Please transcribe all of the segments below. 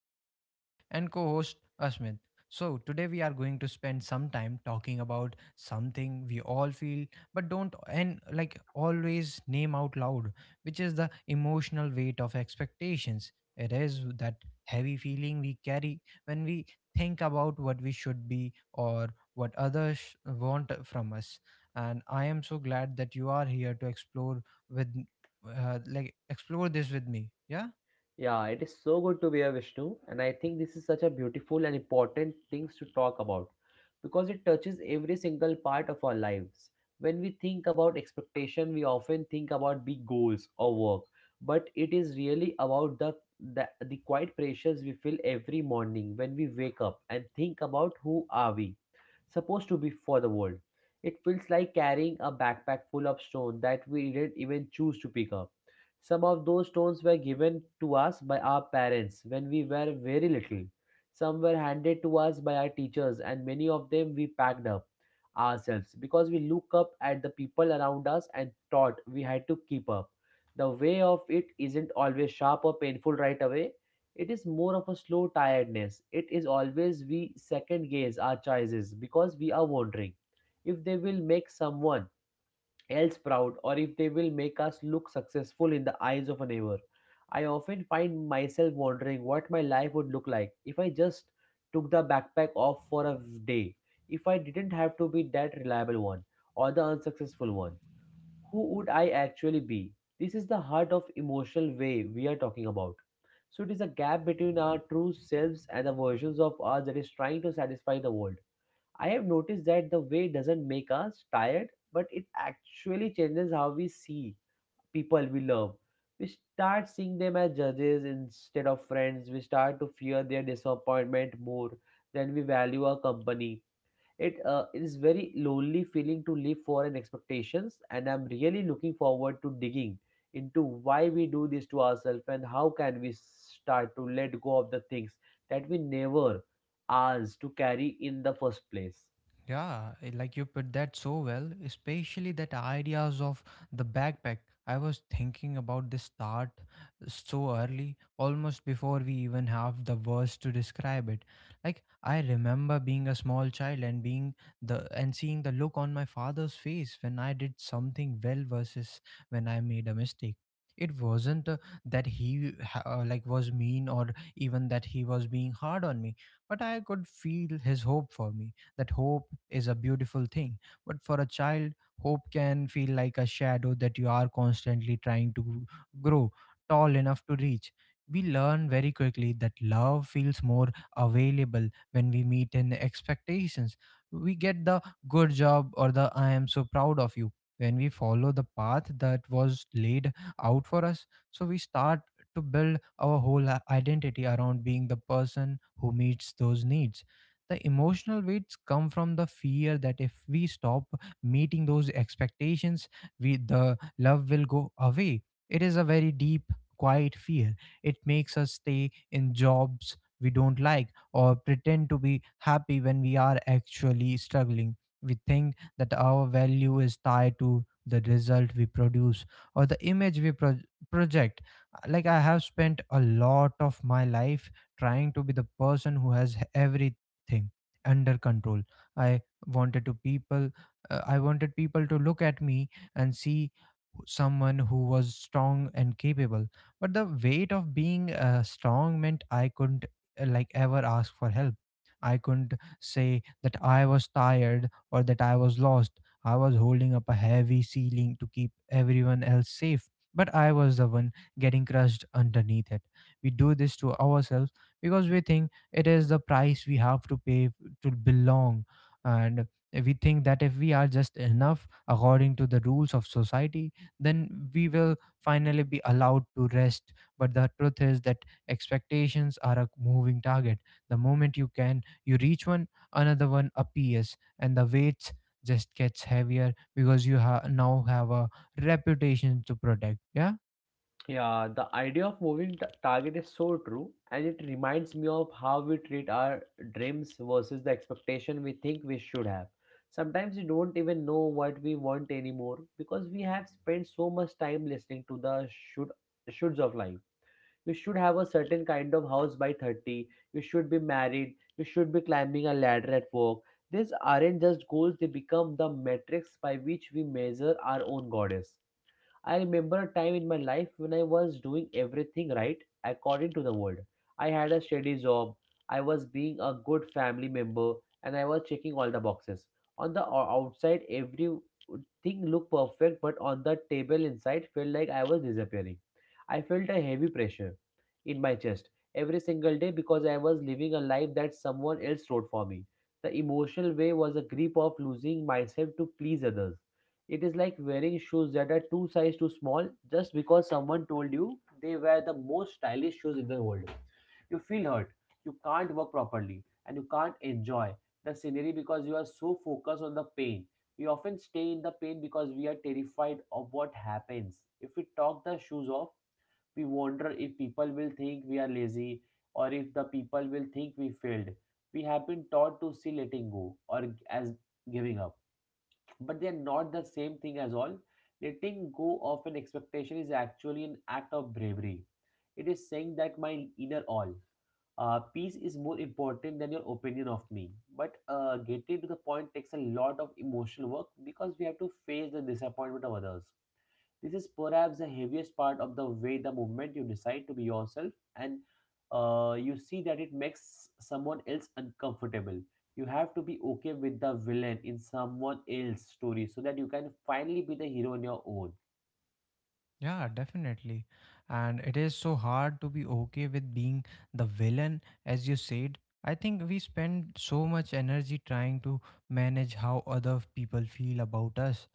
good friend and co host, Asmit. So, today we are going to spend some time talking about something we all feel but don't and like always name out loud, which is the emotional weight of expectations. It is that heavy feeling we carry when we think about what we should be or what others want from us, and I am so glad that you are here to explore with like explore this with me. Yeah. Yeah, it is so good to be here, Vishnu, and I think this is such a beautiful and important things to talk about because it touches every single part of our lives. When we think about expectation, we often think about big goals or work, but it is really about the quiet pressures we feel every morning when we wake up and think about who are we supposed to be for the world. It feels like carrying a backpack full of stone that we didn't even choose to pick up. Some of those stones were given to us by our parents when we were very little. Some were handed to us by our teachers, and many of them we packed up ourselves because we look up at the people around us and thought we had to keep up. The way of it isn't always sharp or painful right away. It is more of a slow tiredness. It is always we second guess our choices because we are wondering if they will make someone else proud or if they will make us look successful in the eyes of a neighbor. I often find myself wondering what my life would look like if I just took the backpack off for a day, if I didn't have to be that reliable one or the unsuccessful one. Who would I actually be? This is the heart of emotional way we are talking about. So it is a gap between our true selves and the versions of us that is trying to satisfy the world. I have noticed that the way doesn't make us tired, but it actually changes how we see people we love. We start seeing them as judges instead of friends. We start to fear their disappointment more than we value our company. It is very lonely feeling to live for an expectations, and I'm really looking forward to digging into why we do this to ourselves and how can we start to let go of the things that we never asked to carry in the first place. Yeah, like you put that so well, especially that ideas of the backpack. I was thinking about this start so early, almost before we even have the words to describe it. Like I remember being a small child and being the and seeing the look on my father's face when I did something well versus when I made a mistake. It wasn't like was mean or even that he was being hard on me, but I could feel his hope for me. That hope is a beautiful thing. But for a child, hope can feel like a shadow that you are constantly trying to grow tall enough to reach. We learn very quickly that love feels more available when we meet in expectations. We get the good job or the I am so proud of you when we follow the path that was laid out for us. So we start to build our whole identity around being the person who meets those needs. The emotional weights come from the fear that if we stop meeting those expectations, we the love will go away. It is a very deep, quiet fear. It makes us stay in jobs we don't like or pretend to be happy when we are actually struggling. We think that our value is tied to the result we produce or the image we project. Like I have spent a lot of my life trying to be the person who has everything thing under control. i wanted to people I wanted people to look at me and see someone who was strong and capable. But the weight of being strong meant I couldn't like ever ask for help. I couldn't say that I was tired or that I was lost. I was holding up a heavy ceiling to keep everyone else safe, but I was the one getting crushed underneath it. We do this to ourselves because we think it is the price we have to pay to belong. And we think that if we are just enough according to the rules of society, then we will finally be allowed to rest. But the truth is that expectations are a moving target. The moment you reach one, another one appears, and the weights just gets heavier because you now have a reputation to protect. Yeah. Yeah, the idea of moving target is so true, and it reminds me of how we treat our dreams versus the expectation we think we should have. Sometimes we don't even know what we want anymore because we have spent so much time listening to the shoulds of life. You should have a certain kind of house by 30, you should be married, you should be climbing a ladder at work. These aren't just goals, they become the metrics by which we measure our own goddess. I remember a time in my life when I was doing everything right according to the world. I had a steady job, I was being a good family member, and I was checking all the boxes. On the outside, everything looked perfect, but on the table inside, felt like I was disappearing. I felt a heavy pressure in my chest every single day because I was living a life that someone else wrote for me. The emotional way was a grip of losing myself to please others. It is like wearing shoes that are two sizes too small just because someone told you they were the most stylish shoes in the world. You feel hurt, you can't work properly, and you can't enjoy the scenery because you are so focused on the pain. We often stay in the pain because we are terrified of what happens. If we talk the shoes off, we wonder if people will think we are lazy or if the people will think we failed. We have been taught to see letting go or as giving up, but they are not the same thing as all. Letting go of an expectation is actually an act of bravery. It is saying that my inner all, peace is more important than your opinion of me. But getting to the point takes a lot of emotional work because we have to face the disappointment of others. This is perhaps the heaviest part of the way the moment you decide to be yourself and you see that it makes someone else uncomfortable. You have to be okay with the villain in someone else's story so that you can finally be the hero in your own. Yeah, definitely. And it is so hard to be okay with being the villain, as you said. I think we spend so much energy trying to manage how other people feel about us.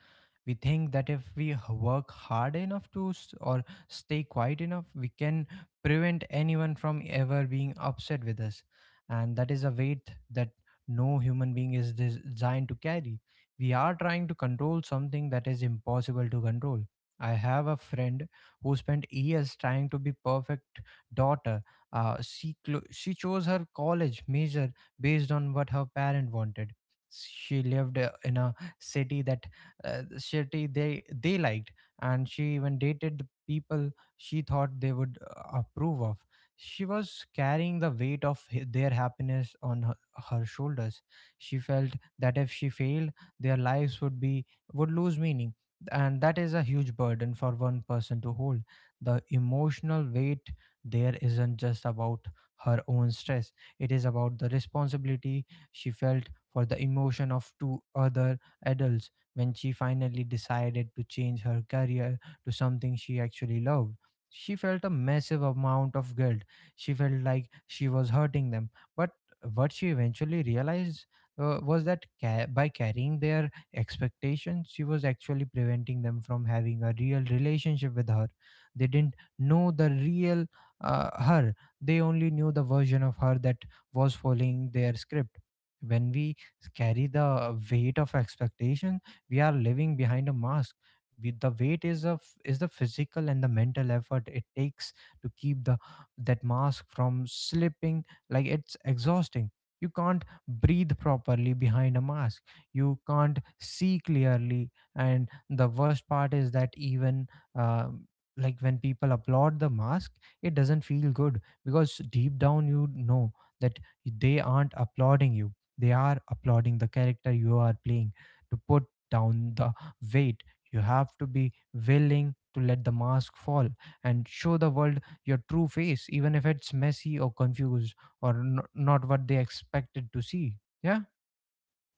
We think that if we work hard enough to s- or stay quiet enough, we can prevent anyone from ever being upset with us, and that is a weight that no human being is designed to carry. We are trying to control something that is impossible to control. I have a friend who spent years trying to be perfect daughter. She she chose her college major based on what her parent wanted. She lived in a city that city they liked, and she even dated the people she thought they would approve of. She was carrying the weight of their happiness on her shoulders. She felt that if she failed, their lives would be, would lose meaning. And that is a huge burden for one person to hold. The emotional weight there isn't just about her own stress. It is about the responsibility she felt for the emotion of two other adults. When she finally decided to change her career to something she actually loved, she felt a massive amount of guilt. She felt like she was hurting them. But what she eventually realized by carrying their expectations, she was actually preventing them from having a real relationship with her. They didn't know the real her. They only knew the version of her that was following their script. When we carry the weight of expectation, we are living behind a mask. We, the weight is of is the physical and the mental effort it takes to keep the that mask from slipping. Like, it's exhausting. You can't breathe properly behind a mask. You can't see clearly. And the worst part is that even um like when people applaud the mask, it doesn't feel good, because deep down you know that they aren't applauding you. They are applauding the character you are playing. To put down the weight, you have to be willing to let the mask fall and show the world your true face, even if it's messy or confused or not what they expected to see. Yeah.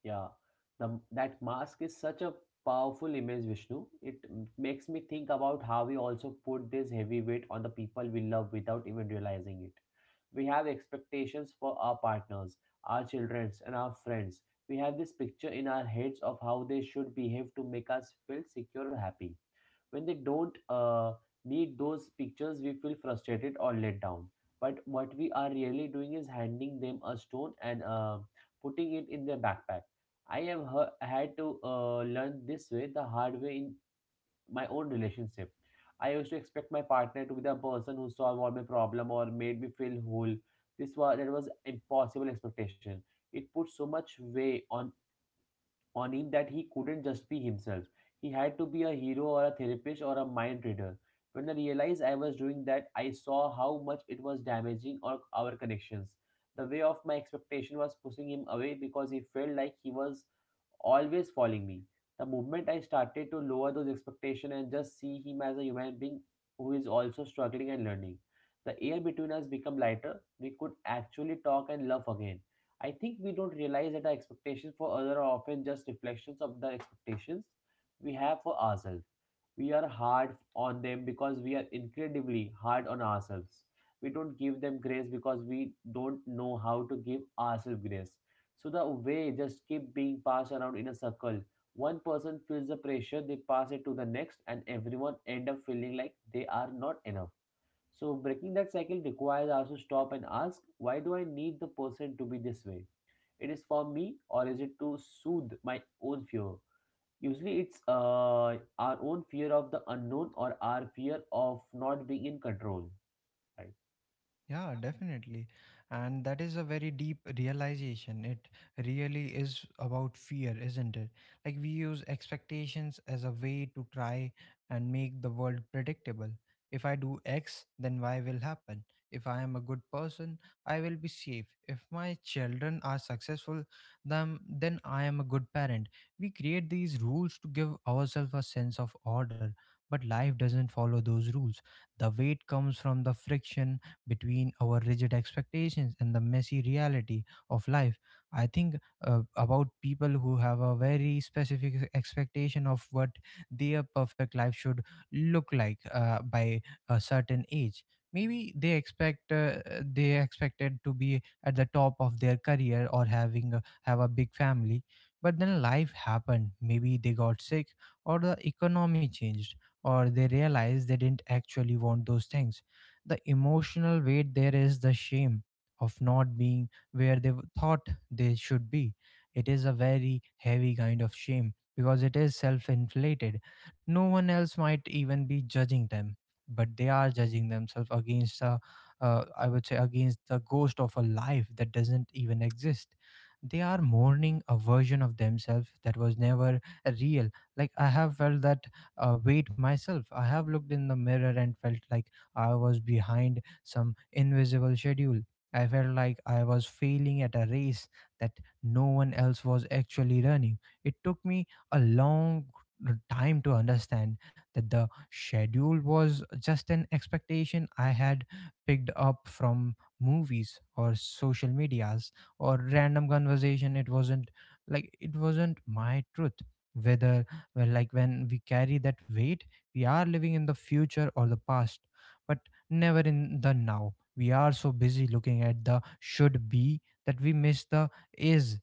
Yeah, that mask is such a powerful image, Vishnu. It makes me think about how we also put this heavy weight on the people we love without even realizing it. We have expectations for our partners, our children, and our friends. We have this picture in our heads of how they should behave to make us feel secure or happy when they don't meet those pictures we feel frustrated or let down, but what we are really doing is handing them a stone and, putting it in their backpack. I have had to learn this way the hard way in my own relationship. I used to expect my partner to be the person who solved all my problem or made me feel whole. This was that was impossible expectation. It put so much weight on him that he couldn't just be himself. He had to be a hero or a therapist or a mind reader. When I realized I was doing that, I saw how much it was damaging our connections. The way of my expectation was pushing him away because he felt like he was always following me. The moment I started to lower those expectations and just see him as a human being who is also struggling and learning, the air between us became lighter. We could actually talk and love again. I think we don't realize that our expectations for others are often just reflections of the expectations we have for ourselves. We are hard on them because we are incredibly hard on ourselves. We don't give them grace because we don't know how to give ourselves grace. So the way just keep being passed around in a circle. One person feels the pressure, they pass it to the next, and everyone end up feeling like they are not enough. So breaking that cycle requires us to stop and ask, why do I need the person to be this way? It is for me, or is it to soothe my own fear? Usually, it's our own fear of the unknown or our fear of not being in control. Right? Yeah, definitely. And that is a very deep realization. It really is about fear, isn't it? Like, we use expectations as a way to try and make the world predictable. If I do X, then Y will happen. If I am a good person, I will be safe. If my children are successful, then I am a good parent. We create these rules to give ourselves a sense of order, but life doesn't follow those rules. The weight comes from the friction between our rigid expectations and the messy reality of life. I think about people who have a very specific expectation of what their perfect life should look like by a certain age. Maybe they expect they expected to be at the top of their career or have a big family, but then life happened. Maybe they got sick or the economy changed or they realized they didn't actually want those things. The emotional weight there is the shame of not being where they thought they should be. It is a very heavy kind of shame because it is self inflated. No one else might even be judging them, but they are judging themselves against I would say against the ghost of a life that doesn't even exist. They are mourning a version of themselves that was never real. Like, I have felt that weight myself. I have looked in the mirror and felt like I was behind some invisible schedule. I felt like I was failing at a race that no one else was actually running. It took me a long time to understand that the schedule was just an expectation I had picked up from movies or social medias or random conversation. It wasn't my truth. Whether like when we carry that weight, we are living in the future or the past, but never in the now. We are so busy looking at the should be that we miss the is.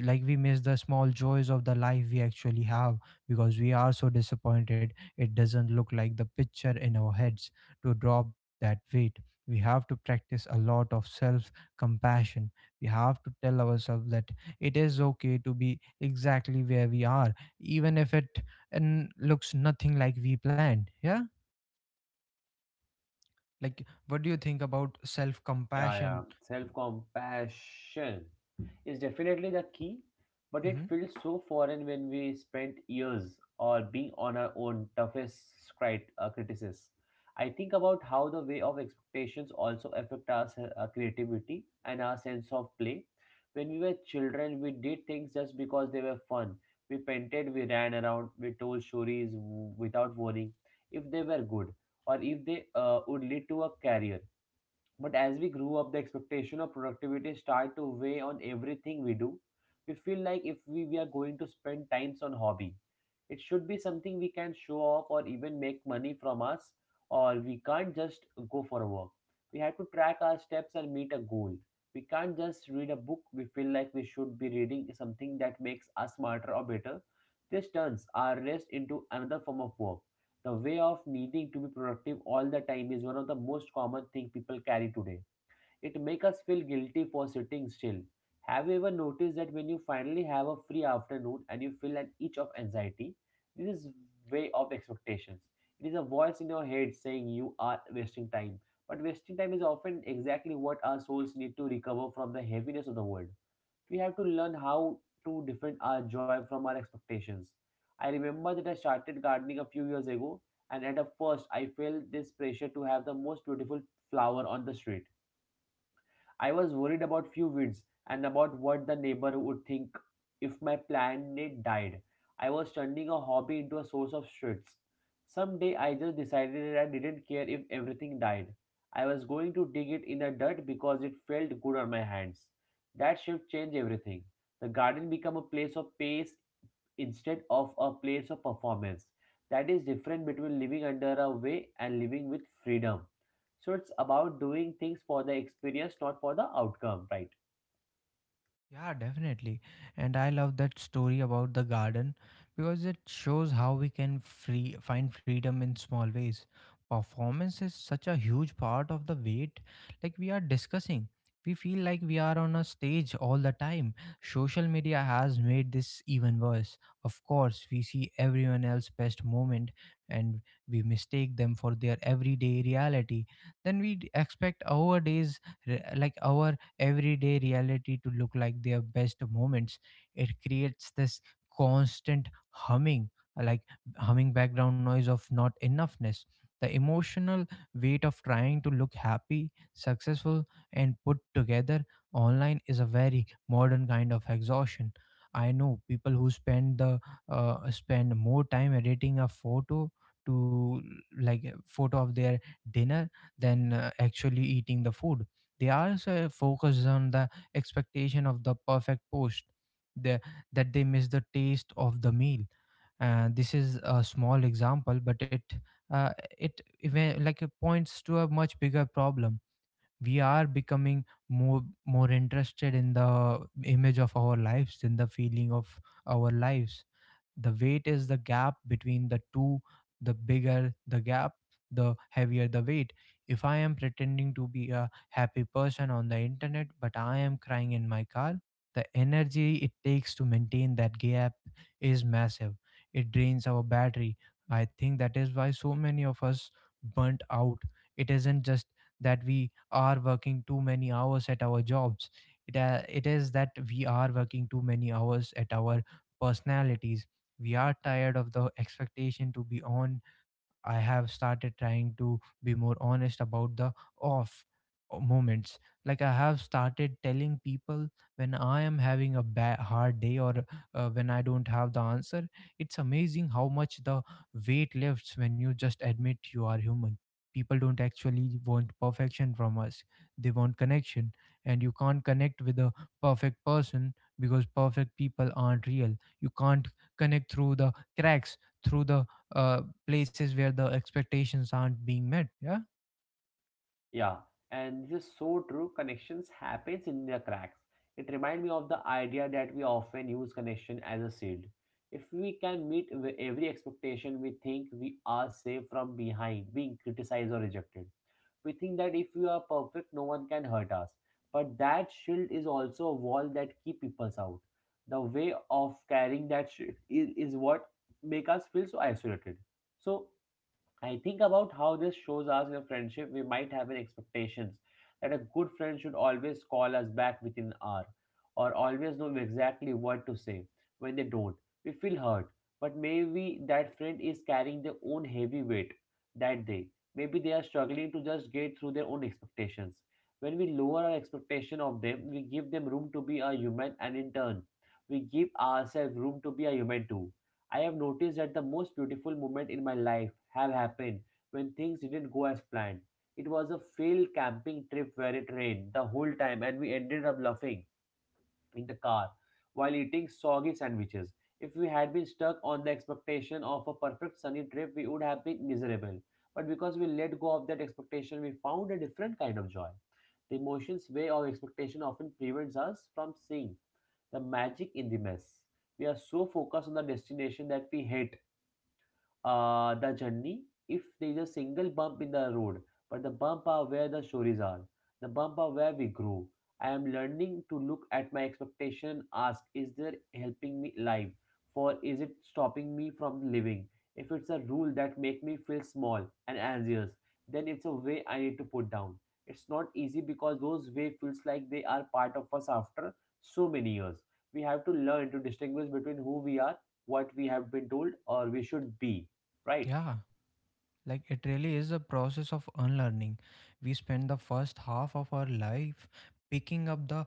Like, we miss the small joys of the life we actually have because we are so disappointed it doesn't look like the picture in our heads. To drop that weight, we have to practice a lot of self compassion. We have to tell ourselves that it is okay to be exactly where we are, even if it and looks nothing like we planned. Yeah. Like, what do you think about self Yeah, compassion? yeah. Self compassion is definitely the key, but it Hmm. feels so foreign when we spent years or being on our own toughest criticism. I think about how the way of expectations also affect our creativity and our sense of play. When we were children, we did things just because they were fun. We painted, we ran around, we told stories without worrying if they were good or if they would lead to a career, but as we grew up, the expectation of productivity start to weigh on everything we do. We feel like if we, we are going to spend times on hobby, it should be something we can show off or even make money from us, or we can't just go for a walk. We have to track our steps and meet a goal. We can't just read a book. We feel like we should be reading something that makes us smarter or better. This turns our rest into another form of work. The way of needing to be productive all the time is one of the most common thing people carry today. It makes us feel guilty for sitting still. Have you ever noticed that when you finally have a free afternoon and you feel an itch of anxiety? This is way of expectations. It is a voice in your head saying you are wasting time. But wasting time is often exactly what our souls need to recover from the heaviness of the world. We have to learn how to different our joy from our expectations. I remember that I started gardening a few years ago, and at the first, I felt this pressure to have the most beautiful flower on the street. I was worried about few weeds and about what the neighbor would think if my planet died. I was turning a hobby into a source of stress. Someday I just decided that I didn't care if everything died. I was going to dig it in the dirt because it felt good on my hands. That shift changed everything. The garden became a place of peace instead of a place of performance. That is different between living under a way and living with freedom. So it's about doing things for the experience, not for the outcome, right? Yeah, definitely. And I love that story about the garden because it shows how we can free find freedom in small ways. Performance is such a huge part of the weight, like we are discussing. We feel like we are on a stage all the time. Social media has made this even worse. Of course, we see everyone else's best moment, and we mistake them for their everyday reality. Then we expect our days like our everyday reality to look like their best moments. It creates this constant humming, like humming background noise of not enoughness. The emotional weight of trying to look happy, successful, and put together online is a very modern kind of exhaustion. I know people who spend more time editing a photo to like a photo of their dinner than actually eating the food. They are so focused on the expectation of the perfect post, the, that they miss the taste of the meal. This is a small example, but uh, it like points to a much bigger problem. We are becoming more more interested in the image of our lives than the feeling of our lives. The weight is the gap between the two. The bigger the gap, the heavier the weight. If I am pretending to be a happy person on the internet but I am crying in my car, the energy it takes to maintain that gap is massive. It drains our battery. I think that is why so many of us burnt out. It isn't just that we are working too many hours at our jobs, it is that we are working too many hours at our personalities. We are tired of the expectation to be on. I have started trying to be more honest about the off moments. Like, I have started telling people when I am having a bad, hard day, or when I don't have the answer. It's amazing how much the weight lifts when you just admit you are human. People don't actually want perfection from us. They want connection. And you can't connect with a perfect person because perfect people aren't real. You can't connect through the cracks, through the places where the expectations aren't being met. Yeah, Yeah, and this is so true. Connections happens in the cracks. It reminds me of the idea that we often use connection as a shield. If we can meet with every expectation, we think we are safe from behind being criticized or rejected. We think that if we are perfect, no one can hurt us. But that shield is also a wall that keep people out. The way of carrying that shield is what make us feel so isolated. So I think about how this shows us in a friendship we might have in expectations that a good friend should always call us back within an hour or always know exactly what to say. When they don't, we feel hurt. But maybe that friend is carrying their own heavy weight that day. Maybe they are struggling to just get through their own expectations. When we lower our expectation of them, we give them room to be a human and in turn, we give ourselves room to be a human too. I have noticed that the most beautiful moments in my life have happened when things didn't go as planned. It was a failed camping trip where it rained the whole time and we ended up laughing in the car while eating soggy sandwiches. If we had been stuck on the expectation of a perfect sunny trip, we would have been miserable. But because we let go of that expectation, we found a different kind of joy. The emotions way of expectation often prevents us from seeing the magic in the mess. We are so focused on the destination that we hate the journey if there is a single bump in the road, but the bump are where the stories are. The bump are where we grow. I am learning to look at my expectation, ask, is there helping me live? For is it stopping me from living? If it's a rule that make me feel small and anxious, then it's a way I need to put down. It's not easy because those way feels like they are part of us after so many years. We have to learn to distinguish between who we are, what we have been told, or we should be, right? yeah. Like, it really is a process of unlearning. We spend the first half of our life picking up the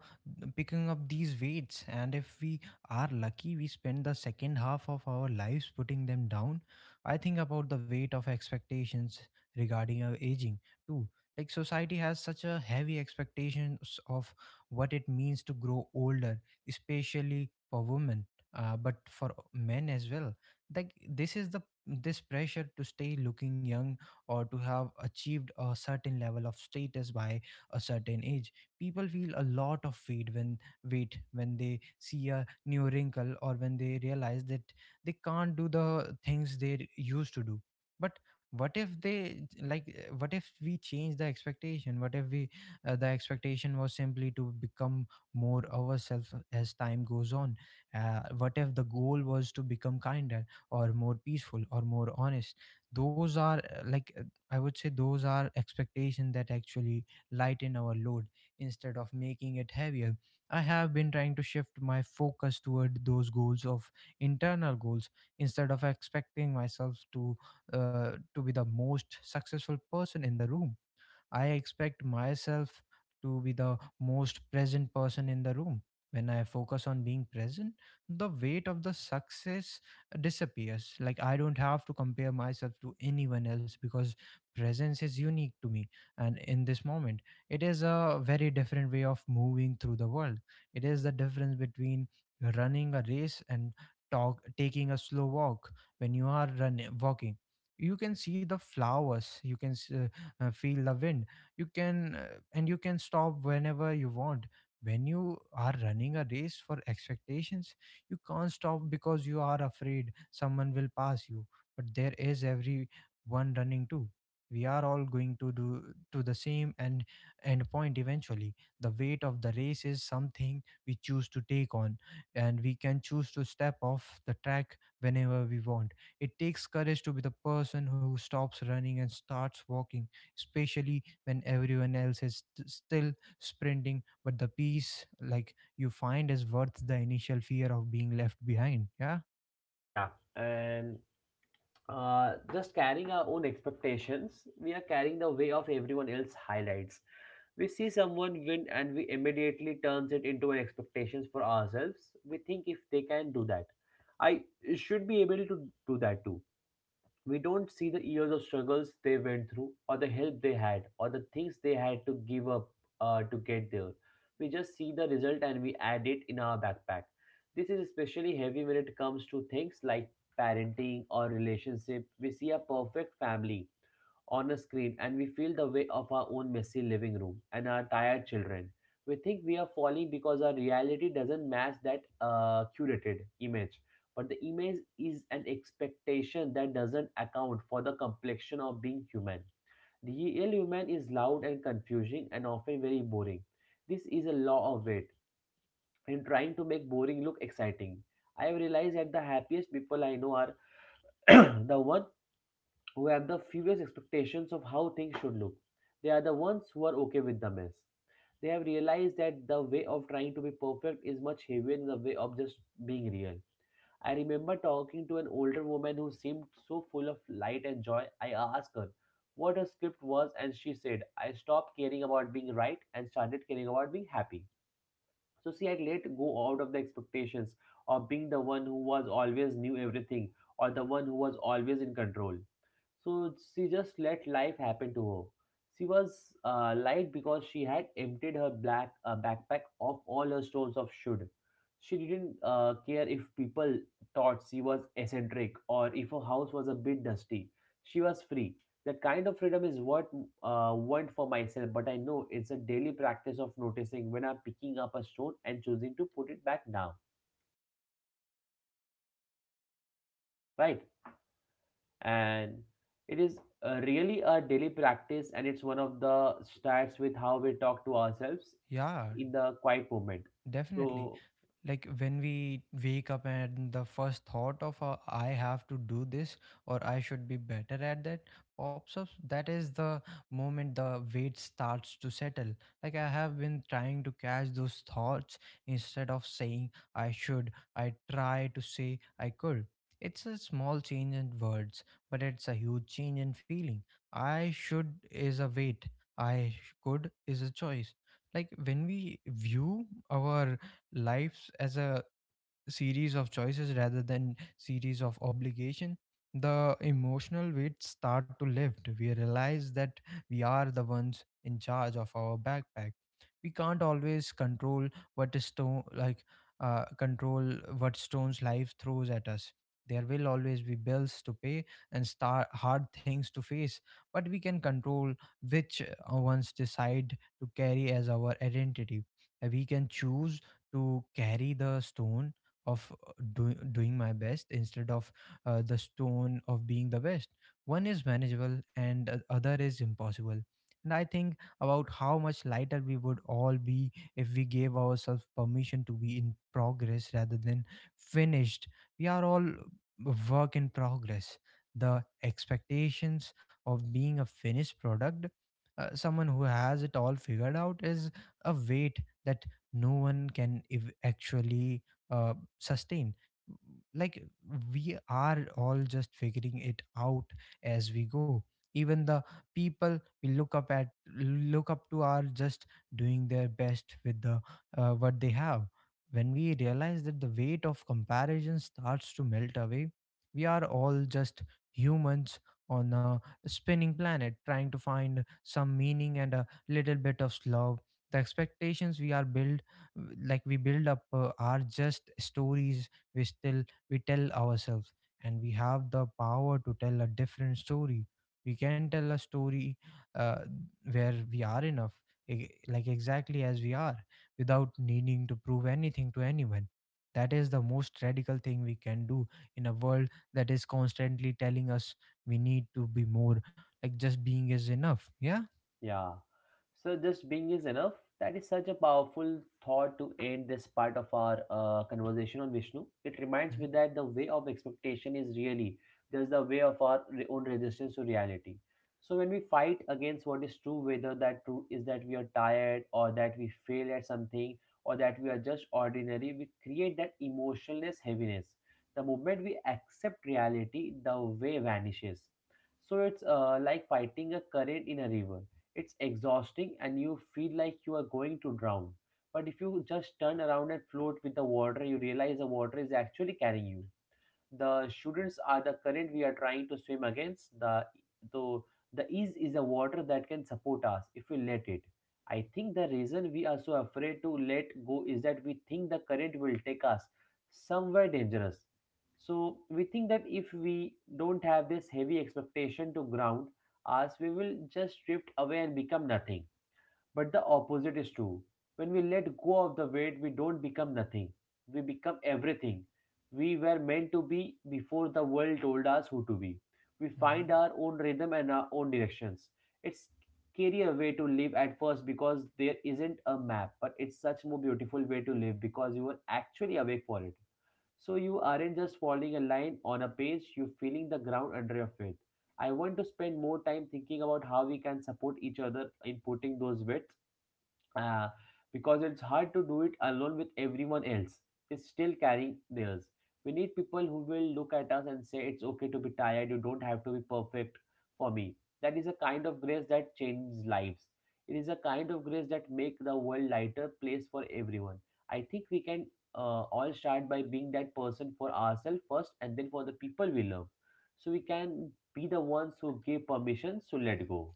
picking up these weights, and if we are lucky, we spend the second half of our lives putting them down. I think about the weight of expectations regarding our aging too. Like, society has such a heavy expectations of what it means to grow older, especially for women, but for men as well. Like this is the This pressure to stay looking young or to have achieved a certain level of status by a certain age. People feel a lot of weight when they see a new wrinkle, or when they realize that they can't do the things they used to do. But what if they like what if we change the expectation? What if we the expectation was simply to become more ourselves as time goes on? What if the goal was to become kinder, or more peaceful, or more honest? Those are I would say those are expectations that actually lighten our load instead of making it heavier. I have been trying to shift my focus toward those goals of internal goals, instead of expecting myself to be the most successful person in the room. I expect myself to be the most present person in the room. When I focus on being present, the weight of the success disappears. Like, I don't have to compare myself to anyone else because presence is unique to me. And in this moment, it is a very different way of moving through the world. It is the difference between running a race and taking a slow walk. When you are running, walking, you can see the flowers, you can feel the wind. You can and you can stop whenever you want. When you are running a race for expectations, you can't stop because you are afraid someone will pass you. But there is every one running too. We are all going to do to the same end point eventually. The weight of the race is something we choose to take on, and we can choose to step off the track whenever we want. It takes courage to be the person who stops running and starts walking, especially when everyone else is still sprinting. But the peace like you find is worth the initial fear of being left behind. Yeah, Yeah. And just carrying our own expectations, we are carrying the way of everyone else's highlights. We see someone win and we immediately turns it into an expectations for ourselves. We think if they can do that, I should be able to do that too. We don't see the years of struggles they went through, or the help they had, or the things they had to give up to get there. We just see the result and we add it in our backpack. This is especially heavy when it comes to things like parenting or relationship. We see a perfect family on a screen and we feel the weight of our own messy living room and our tired children. We think we are falling because our reality doesn't match that curated image. But the image is an expectation that doesn't account for the complexion of being human. The real human is loud and confusing and often very boring. This is a law of weight and trying to make boring look exciting. I have realized that the happiest people I know are the ones who have the furious expectations of how things should look. They are the ones who are okay with the mess. They have realized that the way of trying to be perfect is much heavier than the way of just being real. I remember talking to an older woman who seemed so full of light and joy. I asked her what her script was, and she said, I stopped caring about being right and started caring about being happy. So, see, I let go out of the expectations of being the one who was always knew everything or the one who was always in control. So she just let life happen to her. She was light because she had emptied her black backpack of all her stores of should. She didn't care if people thought she was eccentric or if her house was a bit dusty. She was free. That kind of freedom is what want for myself, but I know it's a daily practice of noticing when I'm picking up a stone and choosing to put it back now. Right? And it is really a daily practice, and it's one of the starts with how we talk to ourselves yeah, in the quiet moment. definitely. So Like, when we wake up and the first thought of I have to do this, or I should be better at that pops up, that is the moment the weight starts to settle. Like, I have been trying to catch those thoughts. Instead of saying I should, I try to say I could. It's a small change in words, but it's a huge change in feeling. I should is a weight. I could is a choice. Like, when we view our lives as a series of choices rather than series of obligation, the emotional weight start to lift. We realize that we are the ones in charge of our backpack. We can't always control what is stone like control what stone's life throws at us. There will always be bills to pay and star hard things to face. But we can control which ones decide to carry as our identity. We can choose to carry the stone of doing my best, instead of the stone of being the best. One is manageable and the other is impossible. And I think about how much lighter we would all be if we gave ourselves permission to be in progress rather than finished. We are all work in progress. The expectations of being a finished product, someone who has it all figured out, is a weight that no one can actually sustain. Like, we are all just figuring it out as we go. Even the people we look up to are just doing their best with the what they have. When we realize that, the weight of comparison starts to melt away. We are all just humans on a spinning planet trying to find some meaning and a little bit of love. The expectations we are built, like, we build up are just stories we still we tell ourselves. And we have the power to tell a different story. We can tell a story uh, where we are enough, exactly as we are, without needing to prove anything to anyone. That is the most radical thing we can do in a world that is constantly telling us we need to be more. Like, just being is enough. Yeah. yeah. So just being is enough. That is such a powerful thought to end this part of our conversation on Vishnu. It reminds me that the way of expectation is really just the way of our own resistance to reality. So when we fight against what is true, whether that true is that we are tired or that we fail at something or that we are just ordinary, we create that emotionless heaviness. The moment we accept reality, the way vanishes. So it's like fighting a current in a river. It's exhausting and you feel like you are going to drown. But if you just turn around and float with the water, you realize the water is actually carrying you. The students are the current we are trying to swim against the, so the ease is a water that can support us if we let it. I think the reason we are so afraid to let go is that we think the current will take us somewhere dangerous. So we think that if we don't have this heavy expectation to ground us, we will just drift away and become nothing, but the opposite is true. When we let go of the weight, we don't become nothing. We become everything. We were meant to be before the world told us who to be. We find Hmm. our own rhythm and our own directions. It's scarier way to live at first because there isn't a map, but it's such more beautiful way to live because you are actually awake for it. So you aren't just following a line on a page, you're feeling the ground under your feet. I want to spend more time thinking about how we can support each other in putting those weights, uh, because it's hard to do it alone with everyone else is still carrying theirs. We need people who will look at us and say, It's okay to be tired, you don't have to be perfect for me. That is a kind of grace that changes lives. It is a kind of grace that make the world lighter place for everyone. I think we can all start by being that person for ourselves first and then for the people we love. So we can be the ones who give permission to let go.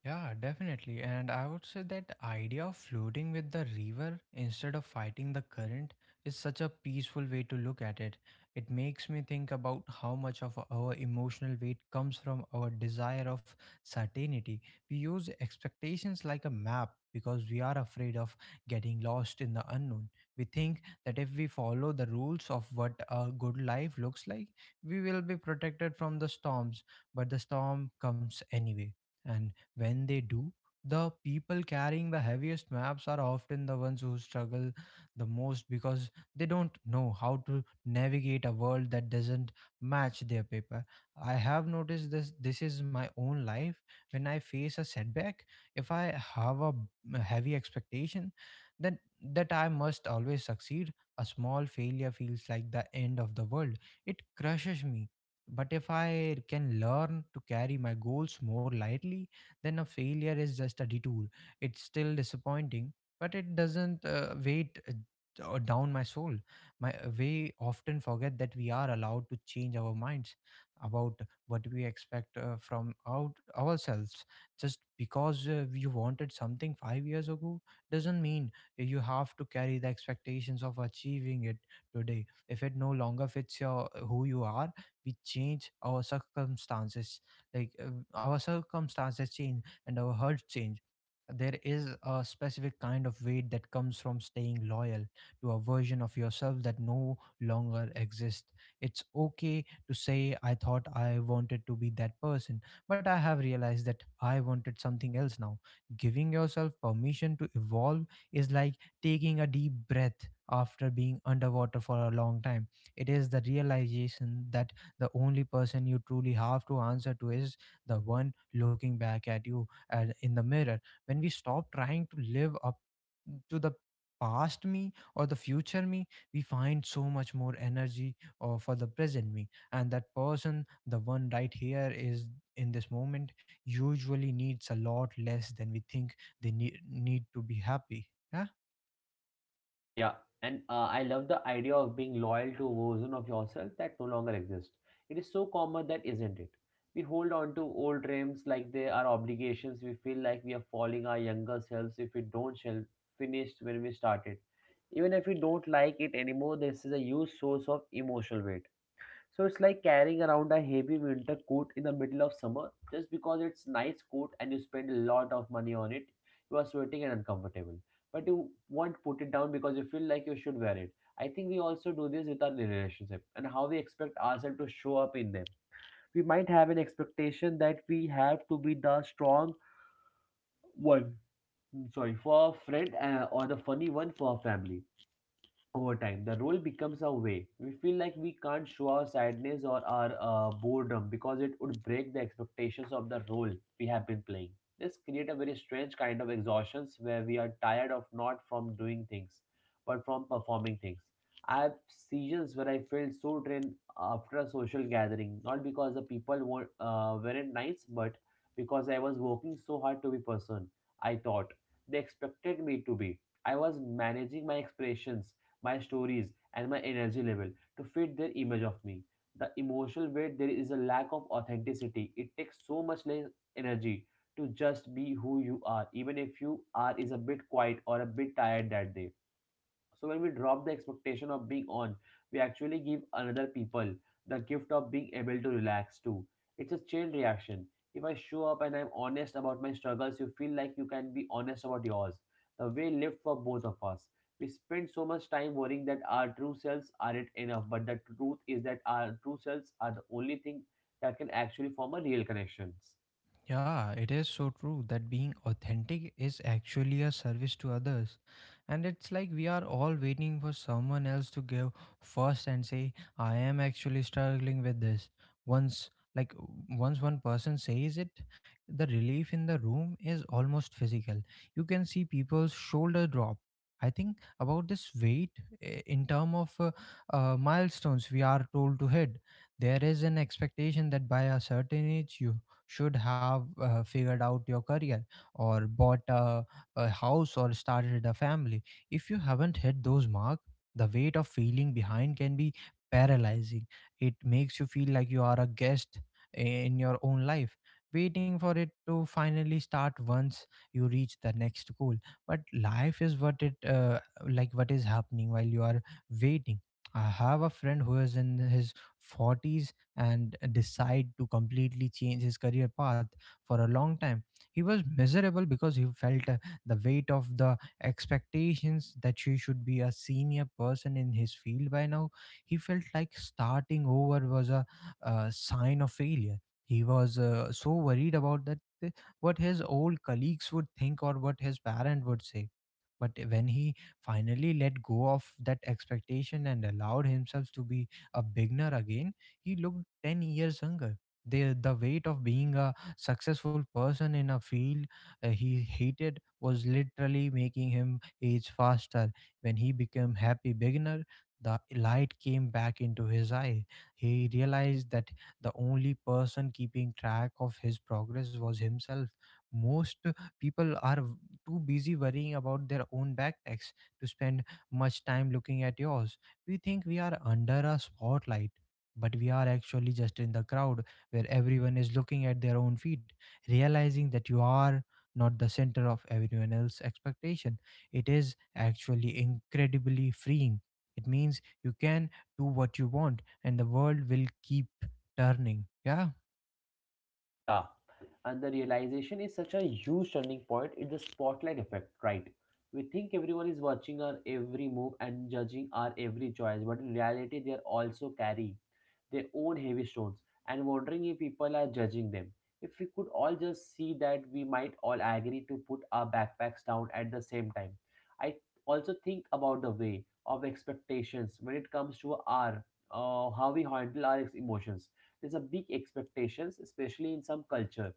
Yeah, definitely. And I would say that idea of floating with the river instead of fighting the current is such a peaceful way to look at it. It makes me think about how much of our emotional weight comes from our desire of certainty. We use expectations like a map because we are afraid of getting lost in the unknown. We think that if we follow the rules of what a good life looks like, we will be protected from the storms. But the storm comes anyway. And when they do, the people carrying the heaviest maps are often the ones who struggle the most, because they don't know how to navigate a world that doesn't match their paper. I have noticed this is my own life. When I face a setback, if I have a heavy expectation then, that I must always succeed, a small failure feels like the end of the world. It crushes me. But if I can learn to carry my goals more lightly, then a failure is just a detour. It's still disappointing, but it doesn't down my soul. My We often forget that we are allowed to change our minds about what we expect from out ourselves. Just because you wanted something 5 years ago doesn't mean you have to carry the expectations of achieving it today. If it no longer fits your who you are, we change our circumstances. Like our circumstances change and our hurts change. There is a specific kind of weight that comes from staying loyal to a version of yourself that no longer exists. It's okay to say, I thought I wanted to be that person, but I have realized that I wanted something else now. Giving yourself permission to evolve is like taking a deep breath after being underwater for a long time. It is the realization that the only person you truly have to answer to is the one looking back at you and in the mirror. When we stop trying to live up to the past me or the future me, we find so much more energy for the present me. And that person, the one right here, is in this moment usually needs a lot less than we think they need to be happy. Yeah. Yeah, and I love the idea of being loyal to a version of yourself that no longer exists. It is so common, that isn't it? We hold on to old dreams like they are obligations. We feel like we are falling our younger selves if we don't shall finish when we started. Even if we don't like it anymore, this is a huge source of emotional weight. So it's like carrying around a heavy winter coat in the middle of summer just because it's nice coat and you spend a lot of money on it. You are sweating and uncomfortable, but you won't put it down because you feel like you should wear it. I think we also do this with our relationship and how we expect ourselves to show up in them. We might have an expectation that we have to be the strong one, sorry, for a friend or the funny one for a family. Over time the role becomes a way we feel like we can't show our sadness or our boredom because it would break the expectations of the role we have been playing. This create a very strange kind of exhaustions where we are tired of not from doing things but from performing things. I have seasons where I felt so drained after a social gathering, not because the people were, weren't nice, but because I was working so hard to be person I thought they expected me to be. I was managing my expressions, my stories, and my energy level to fit their image of me. The emotional weight there is a lack of authenticity. It takes so much less energy to just be who you are, even if you are is a bit quiet or a bit tired that day. So when we drop the expectation of being on, we actually give another people the gift of being able to relax too. It's a chain reaction. If I show up and I'm honest about my struggles, you feel like you can be honest about yours. The way lived for both of us. We spend so much time worrying that our true selves aren't enough, but the truth is that our true selves are the only thing that can actually form a real connection. Yeah, it is so true that being authentic is actually a service to others. And it's like we are all waiting for someone else to give first and say, I am actually struggling with this. Once like once one person says it, the relief in the room is almost physical. You can see people's shoulder drop. I think about this weight in term of milestones we are told to hit. There is an expectation that by a certain age you should have figured out your career, or bought a house, or started a family. If you haven't hit those marks, the weight of feeling behind can be paralyzing. It makes you feel like you are a guest in your own life, waiting for it to finally start once you reach the next goal. But life is what it like what is happening while you are waiting. I have a friend who is in his 40s and decide to completely change his career path for a long time. He was miserable because he felt the weight of the expectations that she should be a senior person in his field by now. He felt like starting over was a sign of failure. He was so worried about that what his old colleagues would think or what his parent would say. But when he finally let go of that expectation and allowed himself to be a beginner again, he looked 10 years younger. The weight of being a successful person in a field he hated was literally making him age faster. When he became happy beginner, the light came back into his eye. He realized that the only person keeping track of his progress was himself. Most people are too busy worrying about their own backpacks to spend much time looking at yours. We think we are under a spotlight, but we are actually just in the crowd where everyone is looking at their own feet, realizing that you are not the center of everyone else's expectation. It is actually incredibly freeing. It means you can do what you want and the world will keep turning. Yeah, Yeah, and the realization is such a huge turning point. It's the spotlight effect, right? We think everyone is watching our every move and judging our every choice, but in reality, they are also carrying their own heavy stones and wondering if people are judging them. If we could all just see that, we might all agree to put our backpacks down at the same time. I also think about the way of expectations when it comes to our how we handle our emotions. There's a big expectations especially in some culture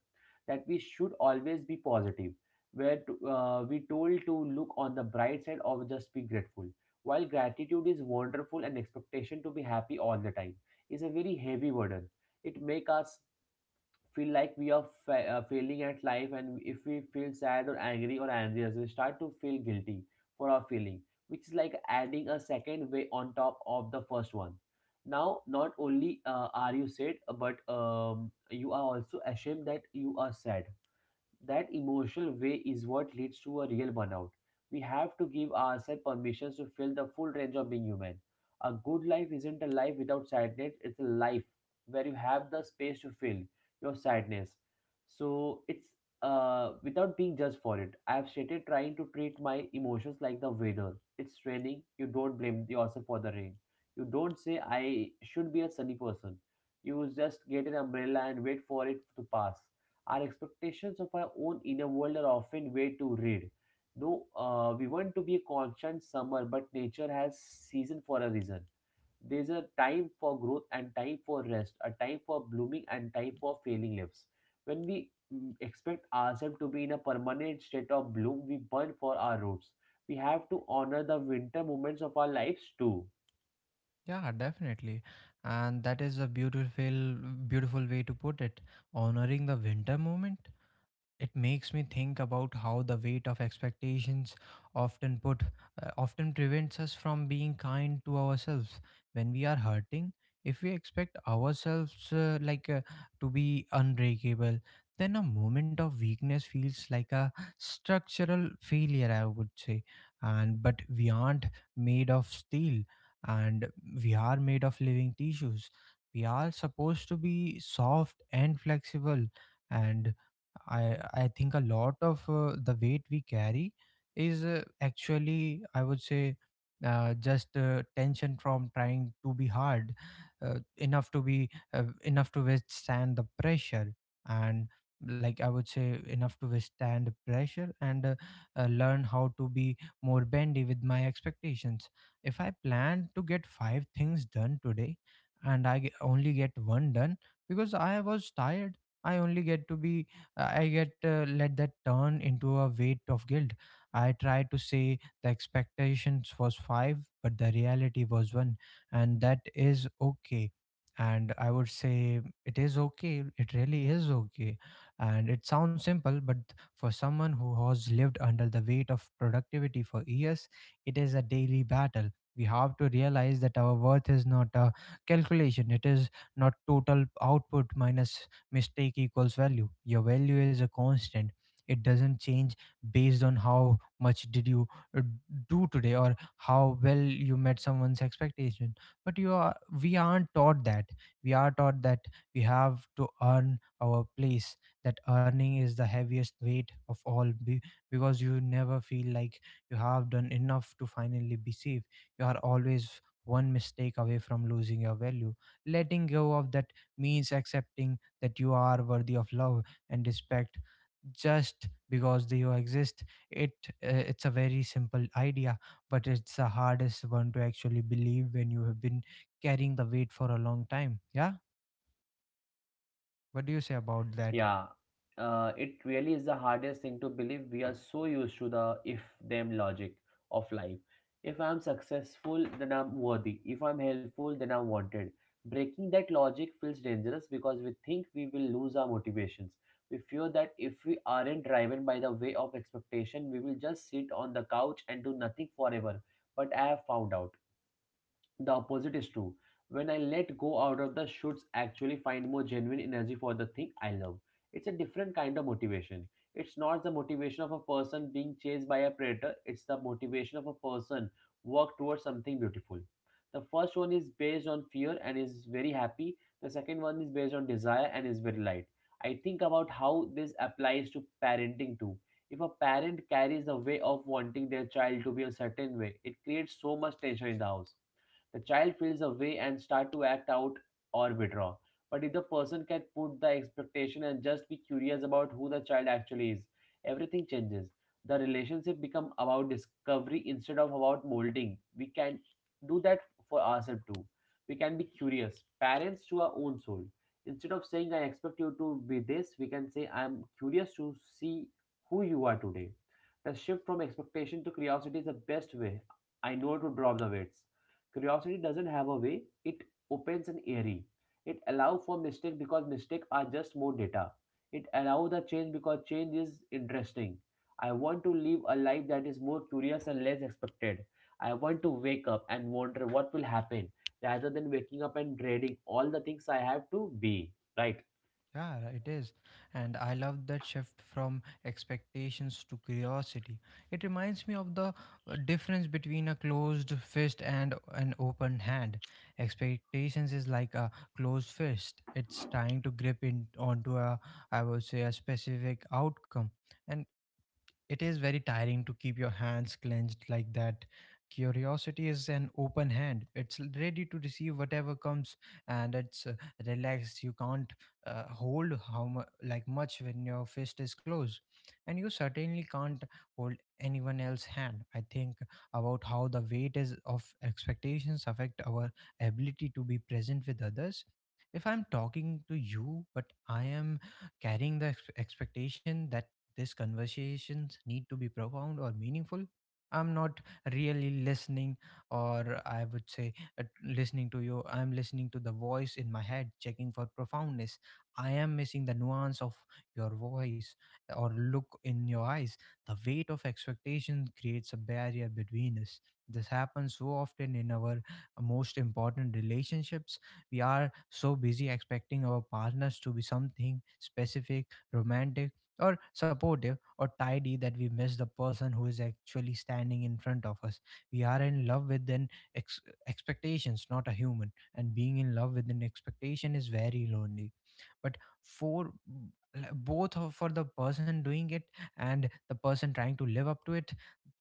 that we should always be positive where to, we told to look on the bright side or just be grateful. While gratitude is wonderful and expectation to be happy all the time is a very heavy burden, it make us feel like we are failing at life, and if we feel sad or angry or anxious we start to feel guilty for our feeling, which is like adding a second way on top of the first one. Now not only are you sad but you are also ashamed that you are sad. That emotional way is what leads to a real burnout. We have to give ourselves permission to feel the full range of being human. A good life isn't a life without sadness, it's a life where you have the space to feel your sadness. So it's without being judged for it. I've started trying to treat my emotions like the weather. It's raining, you don't blame yourself for the rain. You don't say, I should be a sunny person. You just get an umbrella and wait for it to pass. Our expectations of our own inner world are often way too read. No, we want to be a constant summer, but nature has season for a reason. There's a time for growth and time for rest, a time for blooming and time for failing leaves. When we expect ourselves to be in a permanent state of bloom, we burn for our roots. We have to honor the winter moments of our lives too. yeah, definitely. And that is a beautiful, beautiful way to put it, honoring the winter moment. It makes me think about how the weight of expectations often put often prevents us from being kind to ourselves when we are hurting. If we expect ourselves to be unbreakable, then a moment of weakness feels like a structural failure, I would say. And but we aren't made of steel, and we are made of living tissues. We are supposed to be soft and flexible. And I think a lot of the weight we carry is actually, I would say, just tension from trying to be hard enough to be enough to withstand the pressure. And, like, I would say enough to withstand pressure and learn how to be more bendy with my expectations. If I plan to get five things done today and I only get one done because I was tired, I only get to be I get let that turn into a weight of guilt. I tried to say the expectations was five, but the reality was one, and that is okay. And I would say it is okay. It really is okay. And it sounds simple, but for someone who has lived under the weight of productivity for years, it is a daily battle. We have to realize that our worth is not a calculation. It is not total output minus mistake equals value. Your value is a constant. It doesn't change based on how much did you uh, do today or how well you met someone's expectation. But you are, we aren't taught that. We are taught that we have to earn our place. That earning is the heaviest weight of all, because you never feel like you have done enough to finally be safe. You are always one mistake away from losing your value. Letting go of that means accepting that you are worthy of love and respect just because they you exist. It uh, it's a very simple idea, but it's the hardest one to actually believe when you have been carrying the weight for a long time. Yeah, what do you say about that? Yeah, it really is the hardest thing to believe. We are so used to the if them logic of life. If I'm successful, then I'm worthy. If I'm helpful, then I'm wanted. Breaking that logic feels dangerous because we think we will lose our motivations. We fear that if we aren't driven by the way of expectation, we will just sit on the couch and do nothing forever. But I have found out. The opposite is true. When I let go out of the shoulds, actually find more genuine energy for the thing I love. It's a different kind of motivation. It's not the motivation of a person being chased by a predator, it's the motivation of a person work towards something beautiful. The first one is based on fear and is very happy. The second one is based on desire and is very light. I think about how this applies to parenting too. If a parent carries the way of wanting their child to be a certain way, it creates so much tension in the house. The child feels away and start to act out or withdraw. But if the person can put the expectation and just be curious about who the child actually is, everything changes. The relationship become about discovery instead of about molding. We can do that for ourselves too. We can be curious parents to our own soul. Instead of saying I expect you to be this, we can say I'm curious to see who you are today. The shift from expectation to curiosity is the best way I know to drop the weights. Curiosity doesn't have a way, it opens an airy. It allows for mistake because mistake are just more data. It allows the change because change is interesting. I want to live a life that is more curious and less expected. I want to wake up and wonder what will happen rather than waking up and dreading all the things I have to be. Right? Yeah, it is. And I love that shift from expectations to curiosity. It reminds me of the difference between a closed fist and an open hand. Expectations is like a closed fist. It's trying to grip in onto a, I would say, a specific outcome. And it is very tiring to keep your hands clenched like that. Curiosity is an open hand. It's ready to receive whatever comes, and it's relaxed. You can't hold how mu- like much when your fist is closed, and you certainly can't hold anyone else's hand. I think about how the weight is of expectations affect our ability to be present with others. If I'm talking to you, but I am carrying the expectation that these conversations need to be profound or meaningful, I'm not really listening, or I would say, listening to you. I'm listening to the voice in my head, checking for profoundness. I am missing the nuance of your voice or look in your eyes. The weight of expectation creates a barrier between us. This happens so often in our most important relationships. We are so busy expecting our partners to be something specific, romantic, or supportive or tidy, that we miss the person who is actually standing in front of us. We are in love with an ex- expectations, not a human, and being in love with an expectation is very lonely. But for for the person doing it and the person trying to live up to it,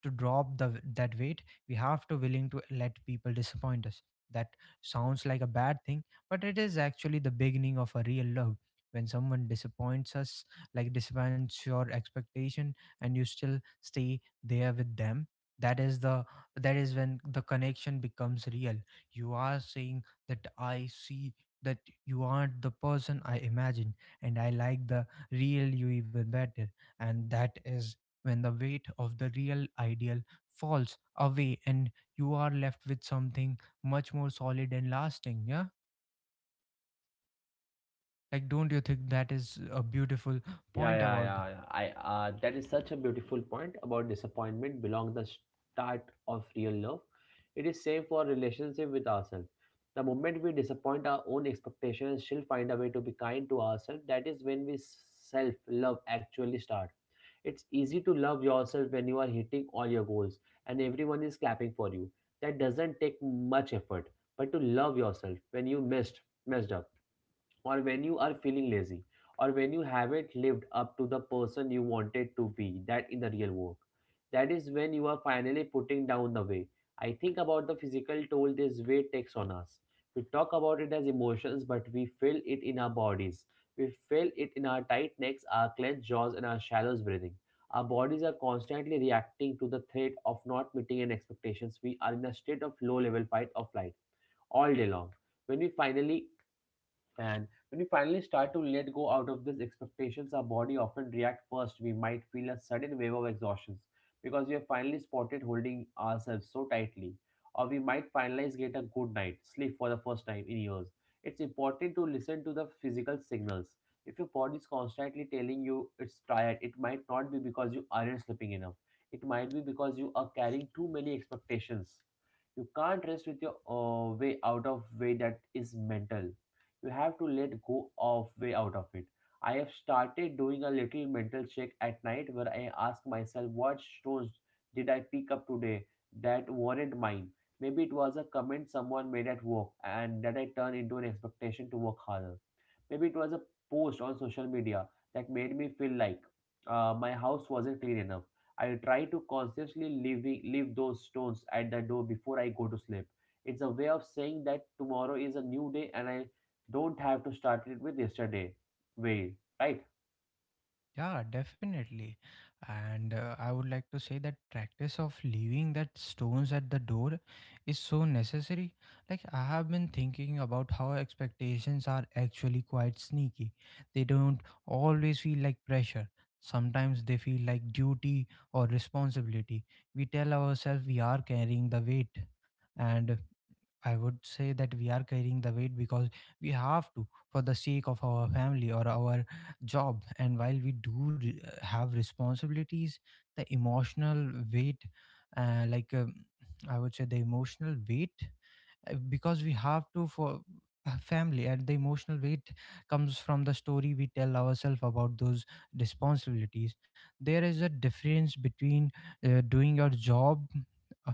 to drop the that weight, we have to willing to let people disappoint us. That sounds like a bad thing, but it is actually the beginning of a real love. When someone disappoints us, like disappoints your expectation, and you still stay there with them, that is the that is when the connection becomes real. You are saying that I see that you aren't the person I imagined, and I like the real you even better. And that is when the weight of the real ideal falls away, and you are left with something much more solid and lasting. Yeah, like, don't you think that is a beautiful Yeah, point yeah, about yeah. yeah. I that is such a beautiful point about disappointment belong the start of real love. It is same for relationship with ourselves. The moment we disappoint our own expectations, she'll find a way to be kind to ourselves. That is when we self love actually start. It's easy to love yourself when you are hitting all your goals and everyone is clapping for you. That doesn't take much effort. But to love yourself when you missed messed up or when you are feeling lazy, or when you haven't lived up to the person you wanted to be, that in the real work. That is when you are finally putting down the way. I think about the physical toll this way takes on us. We talk about it as emotions, but we feel it in our bodies. We feel it in our tight necks, our clenched jaws, and our shallow breathing. Our bodies are constantly reacting to the threat of not meeting an expectations. We are in a state of low level fight or flight all day long. When we finally and when we finally start to let go out of these expectations, our body often reacts first. We might feel a sudden wave of exhaustion because we have finally spotted holding ourselves so tightly. Or we might finally get a good night sleep for the first time in years. It's important to listen to the physical signals. If your body is constantly telling you it's tired, it might not be because you aren't sleeping enough. It might be because you are carrying too many expectations. You can't rest with your way out of way that is mental. You have to let go of way out of it. I have started doing a little mental check at night where I ask myself what stones did I pick up today that weren't mine. Maybe it was a comment someone made at work and that I turned into an expectation to work harder. Maybe it was a post on social media that made me feel like my house wasn't clean enough. I try to consciously leave those stones at the door before I go to sleep. It's a way of saying that tomorrow is a new day and I don't have to start it with yesterday. Way, right? Yeah, definitely. And I would like to say that practice of leaving that stones at the door is so necessary. Like, I have been thinking about how expectations are actually quite sneaky. They don't always feel like pressure, sometimes they feel like duty or responsibility. We tell ourselves we are carrying the weight. And I would say that we are carrying the weight because we have to for the sake of our family or our job. And while we do have responsibilities, the emotional weight, uh, like um, I would say, the emotional weight, because we have to for a family, and the emotional weight comes from the story we tell ourselves about those responsibilities. There is a difference between doing your job uh,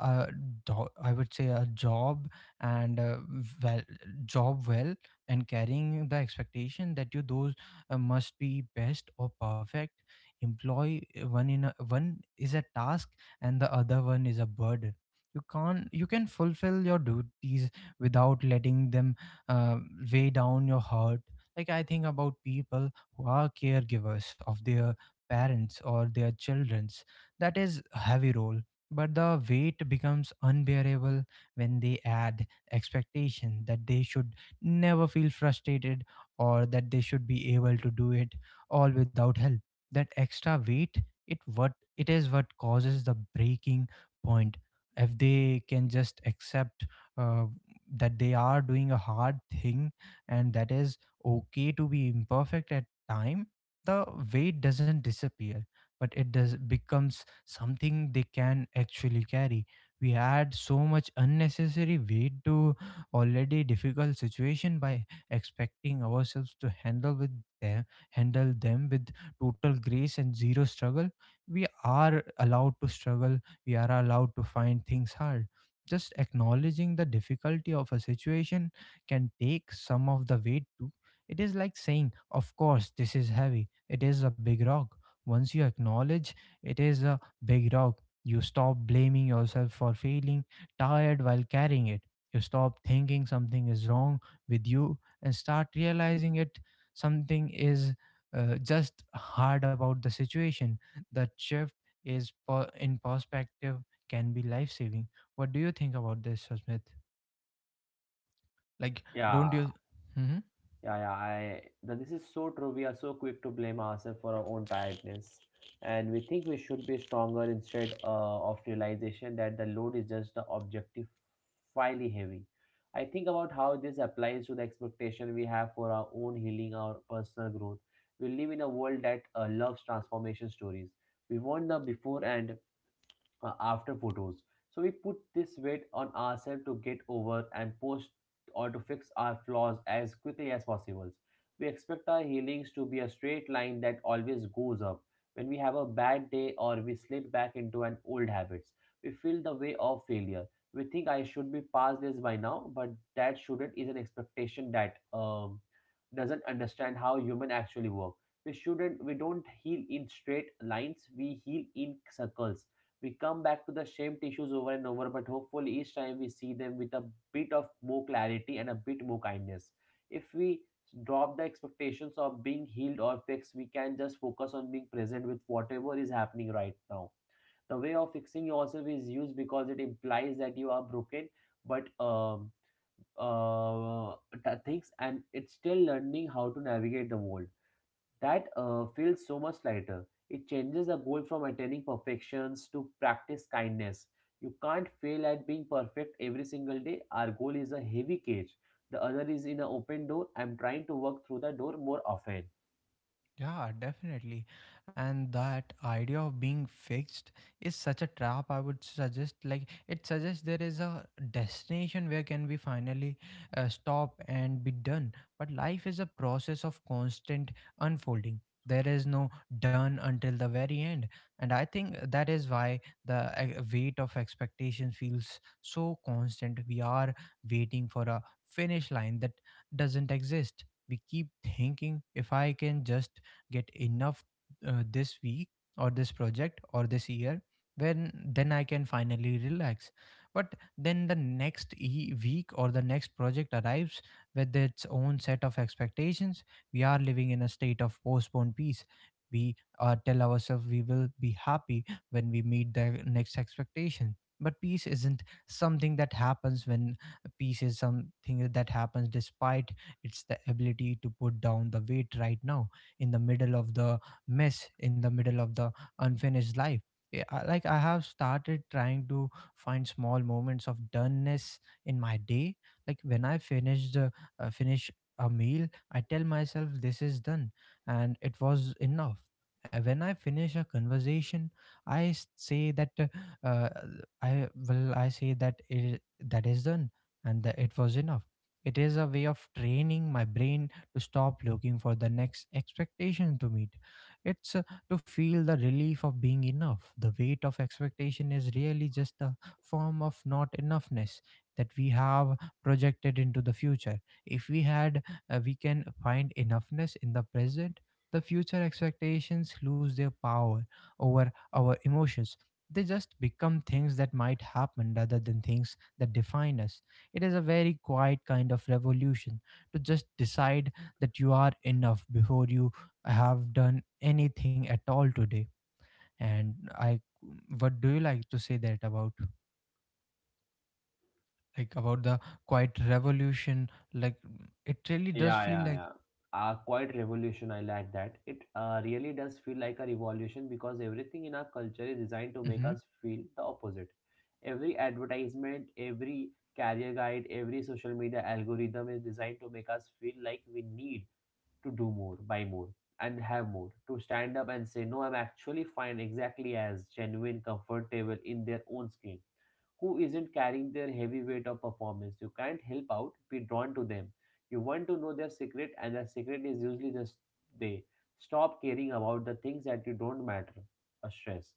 uh, I would say, a job, and well, job well, and carrying the expectation that you those must be best or perfect. Employ One in a, one is a task, and the other one is a burden. You can't You can fulfill your duties without letting them uh, weigh down your heart. Like, I think about people who are caregivers of their parents or their children's. That is a heavy role, but the weight becomes unbearable when they add expectation that they should never feel frustrated, or that they should be able to do it all without help. That extra weight, it what it is what causes the breaking point. If they can just accept uh, that they are doing a hard thing, and that is okay to be imperfect at time, the weight doesn't disappear, but it does becomes something they can actually carry. We add so much unnecessary weight to already difficult situation by expecting ourselves to them handle them with total grace and zero struggle. We are allowed to struggle. We are allowed to find things hard. Just acknowledging the difficulty of a situation can take some of the weight too. It is like saying, of course, this is heavy. It is a big rock. Once you acknowledge it is a big rock, you stop blaming yourself for feeling tired while carrying it. You stop thinking something is wrong with you and start realizing it something is just hard about the situation. That shift in perspective can be life saving. What do you think about this, Smith? Like, Yeah. don't you? Mm-hmm. Yeah, yeah, I that this is so true. We are so quick to blame ourselves for our own tiredness, and we think we should be stronger instead of realization that the load is just the objectively heavy. I think about how this applies to the expectation we have for our own healing, our personal growth. We live in a world that loves transformation stories. We want the before and after photos. So we put this weight on ourselves to get over and post or to fix our flaws as quickly as possible. We expect our healings to be a straight line that always goes up. When we have a bad day or we slip back into an old habits, we feel the way of failure. We think I should be past this by now, but that shouldn't is an expectation that doesn't understand how human actually work. We shouldn't we don't heal in straight lines, we heal in circles we come back to the same tissues over and over, but hopefully each time we see them with a bit of more clarity and a bit more kindness. If we drop the expectations of being healed or fixed, we can just focus on being present with whatever is happening right now. The way of fixing yourself is used because it implies that you are broken, but uh, things and it's still learning how to navigate the world. That feels so much lighter. It changes the goal from attaining perfections to practice kindness. You can't fail at being perfect every single day. Our goal is a heavy cage. The other is in an open door. I'm trying to work through the door more often. Yeah, definitely. And that idea of being fixed is such a trap. I would suggest, like, it suggests there is a destination where can we finally stop and be done. But life is a process of constant unfolding. There is no done until the very end. And I think that is why the weight of expectation feels so constant. We are waiting for a finish line that doesn't exist. We keep thinking, if I can just get enough this week or this project or this year, when then I can finally relax. But then the next week or the next project arrives with its own set of expectations. We are living in a state of postponed peace. We tell ourselves we will be happy when we meet the next expectation, but peace isn't something that happens when peace is something that happens despite. Its the ability to put down the weight right now, in the middle of the mess, in the middle of the unfinished life. Like I have started trying to find small moments of doneness in my day, like when I finish a meal, I tell myself this is done and it was enough. And when I finish a conversation, I s- say that uh, I well, I say that that is done and that it was enough. It is a way of training my brain to stop looking for the next expectation to meet. It's To feel the relief of being enough. The weight of expectation is really just a form of not enoughness that we have projected into the future. If we had, We can find enoughness in the present. The future expectations lose their power over our emotions. They just become things that might happen rather than things that define us. It is a very quiet kind of revolution to just decide that you are enough before you have done anything at all today. And i what do you like to say that about, like about the quiet revolution, like it really does Yeah, feel yeah, like. yeah. Quite revolution. I like that. It really does feel like a revolution because everything in our culture is designed to make Mhm. us feel the opposite. Every advertisement, every career guide, every social media algorithm is designed to make us feel like we need to do more, buy more, and have more. To stand up and say, No, I'm actually fine, exactly as genuine, comfortable in their own skin who isn't carrying their heavy weight of performance. You can't help out, be drawn to them. You want to know their secret, and their secret is usually just they stop caring about the things that you don't matter or stress.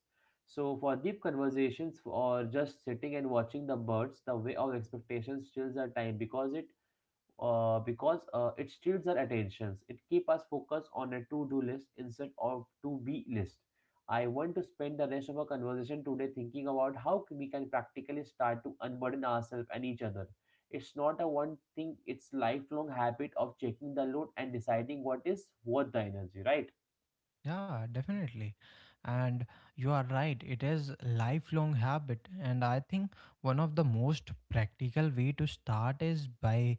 So for deep conversations or just sitting and watching the birds, the way of expectations chills our time because it steals our attentions. It keeps us focused on a to-do list instead of to-be list. I want to spend the rest of our conversation today thinking about how we can practically start to unburden ourselves and each other. It's not a one thing, it's lifelong habit of checking the load and deciding what is worth the energy, right? Yeah, definitely. And you are right, it is lifelong habit, and I think one of the most practical way to start is by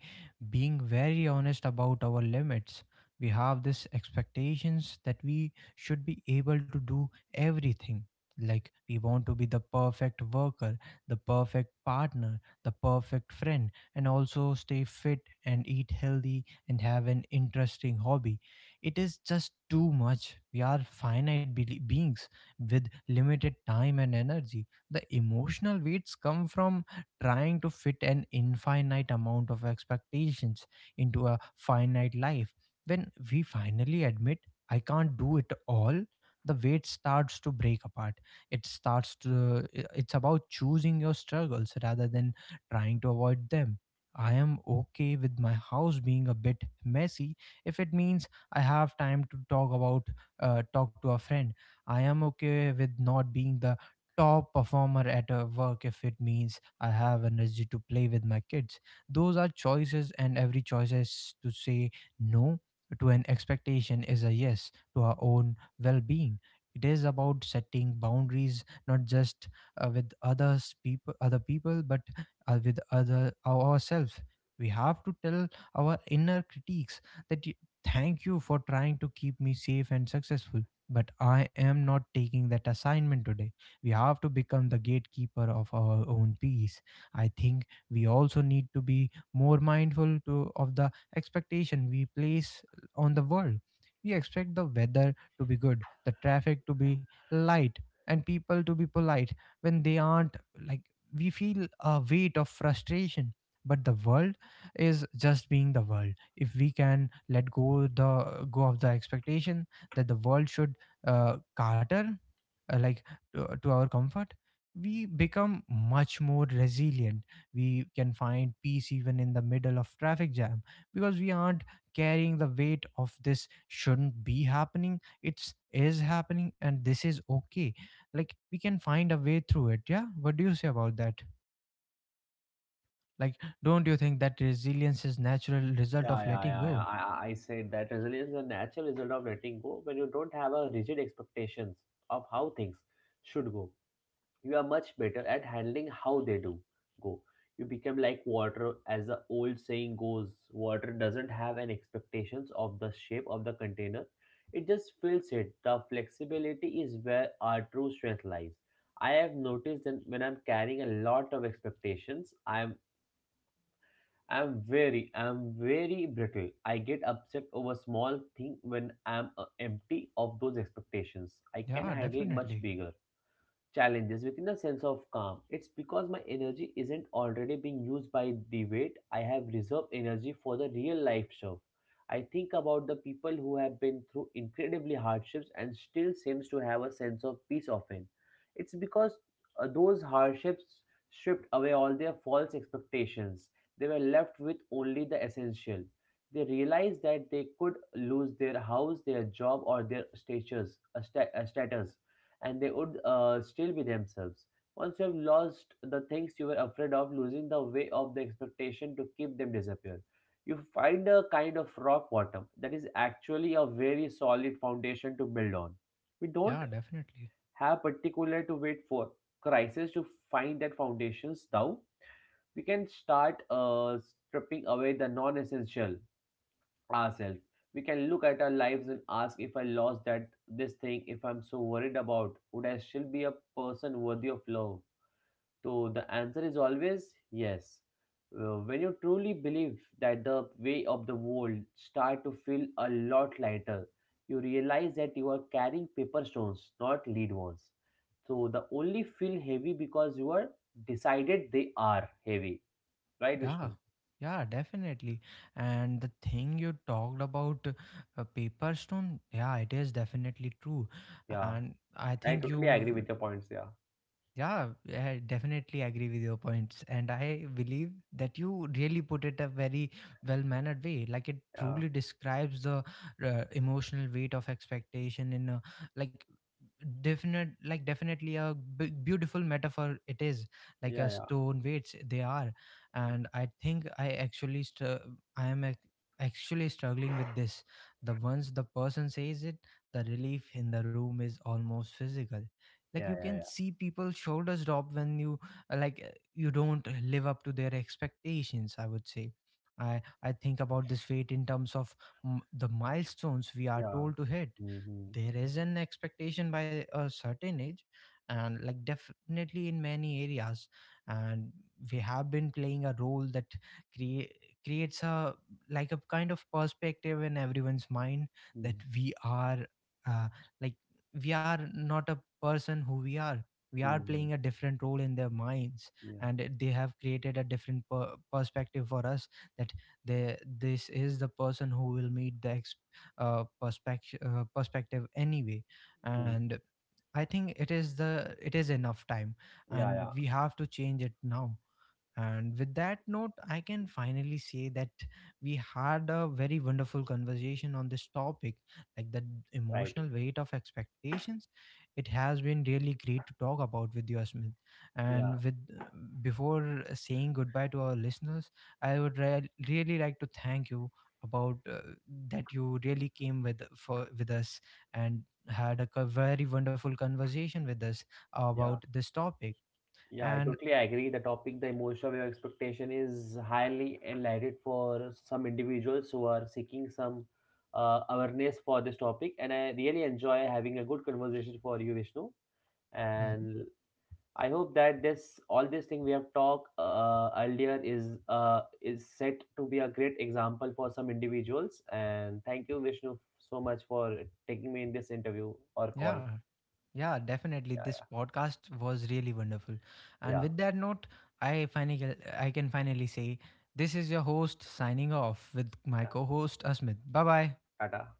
being very honest about our limits. We have this expectations that we should be able to do everything. Like, we want to be the perfect worker, the perfect partner, the perfect friend, and also stay fit and eat healthy and have an interesting hobby. It is just too much. We are finite beings with limited time and energy. The emotional weights come from trying to fit an infinite amount of expectations into a finite life. When we finally admit, I can't do it all, the weight starts to break apart. It starts to, it's about choosing your struggles rather than trying to avoid them. I am okay with my house being a bit messy if it means I have time to talk to a friend. I am okay with not being the top performer at a work if it means I have energy to play with my kids. Those are choices, and every choice is to say no to an expectation is a yes to our own well-being. It is about setting boundaries, not just with other people, but with other ourselves. We have to tell our inner critiques that, thank you for trying to keep me safe and successful, but I am not taking that assignment today. We have to become the gatekeeper of our own peace. I think we also need to be more mindful to, of the expectation we place on the world. We expect the weather to be good, the traffic to be light, and people to be polite when they aren't. Like, we feel a weight of frustration, but the world is just being the world. If we can let go the go of the expectation that the world should cater, uh, like to our comfort, we become much more resilient. We can find peace even in the middle of traffic jam, because we aren't carrying the weight of this shouldn't be happening. It's is happening and this is okay, like we can find a way through it. Yeah, what do you say about that, like, don't you think that resilience is natural result Yeah, of yeah, letting yeah, yeah. go? I said that resilience is a natural result of letting go when you don't have a rigid expectations of how things should go. You are much better at handling how they do go. You become like water, as the old saying goes. Water doesn't have an expectations of the shape of the container; it just fills it. The flexibility is where our true strength lies. I have noticed that when I'm carrying a lot of expectations, I'm very brittle. I get upset over small thing when I'm empty of those expectations. I can Yeah, handle much definitely. bigger challenges within a sense of calm. It's because my energy isn't already being used by the weight. I have reserved energy for the real life stuff. I think about the people who have been through incredibly hardships and still seems to have a sense of peace often. It's because those hardships stripped away all their false expectations. They were left with only the essential. They realized that they could lose their house, their job, or their status, a status and they would still be themselves. Once you have lost the things you were afraid of losing, the way of the expectation to keep them disappear. You find a kind of rock bottom that is actually a very solid foundation to build on. We Yeah, don't definitely. have particular to wait for crisis to find that foundations. Now we can start stripping away the non-essential ourselves. We can look at our lives and ask if I lost that this thing, if I'm so worried about, would I still be a person worthy of love? So the answer is always yes. When you truly believe that the way of the world start to feel a lot lighter, you realize that you are carrying paper stones, not lead ones. So the only feel heavy because you are decided they are heavy, right, Yeah. Vishnu? Yeah, definitely. And the thing you talked about, paper stone, yeah, it is definitely true. Yeah, And I I think totally agree you with your points. Yeah, yeah, I definitely agree with your points. And I believe that you really put it a very well mannered way. Like, it yeah, truly describes the emotional weight of expectation in a, like definite, like definitely a beautiful metaphor. It is like a yeah, stone weights they are. yeah. And I actually struggling with this. The once the person says it, the relief in the room is almost physical. Like, you Yeah, yeah, can yeah. see people shoulders drop when you you don't live up to their expectations, I would say. I think about this fate in terms of the milestones we are Yeah. told to hit. Mm-hmm. There is an expectation by a certain age, and like definitely in many areas, and we have been playing a role that create creates a like a kind of perspective in everyone's mind, that Mm-hmm. we are uh, like we are not a person who we are. We are Mm-hmm. playing a different role in their minds, Yeah. and they have created a different perspective for us, that they, this is the person who will meet the perspective anyway. Mm. And I think it is the, it is enough time, Yeah, and yeah. we have to change it now. And with that note, I can finally say that we had a very wonderful conversation on this topic, like the Right. emotional weight of expectations. It has been really great to talk about with you, Asmith. Yeah, And with, before saying goodbye to our listeners, I would really like to thank you about that you really came with for with us and had a very wonderful conversation with us about yeah. this topic. Yeah, I And totally agree. The topic, the emotion of your expectation, is highly enlightened for some individuals who are seeking some awareness for this topic. And I really enjoy having a good conversation for you, Vishnu. mhm. And I hope that this all this thing we have talked earlier is set to be a great example for some individuals. And thank you, Vishnu, so much for taking me in this interview or call. Yeah. Yeah, definitely. This Yeah, podcast was really wonderful. And yeah. with that note, I finally I can finally say, this is your host signing off with my Yeah. co-host Asmit. Bye bye. Tata.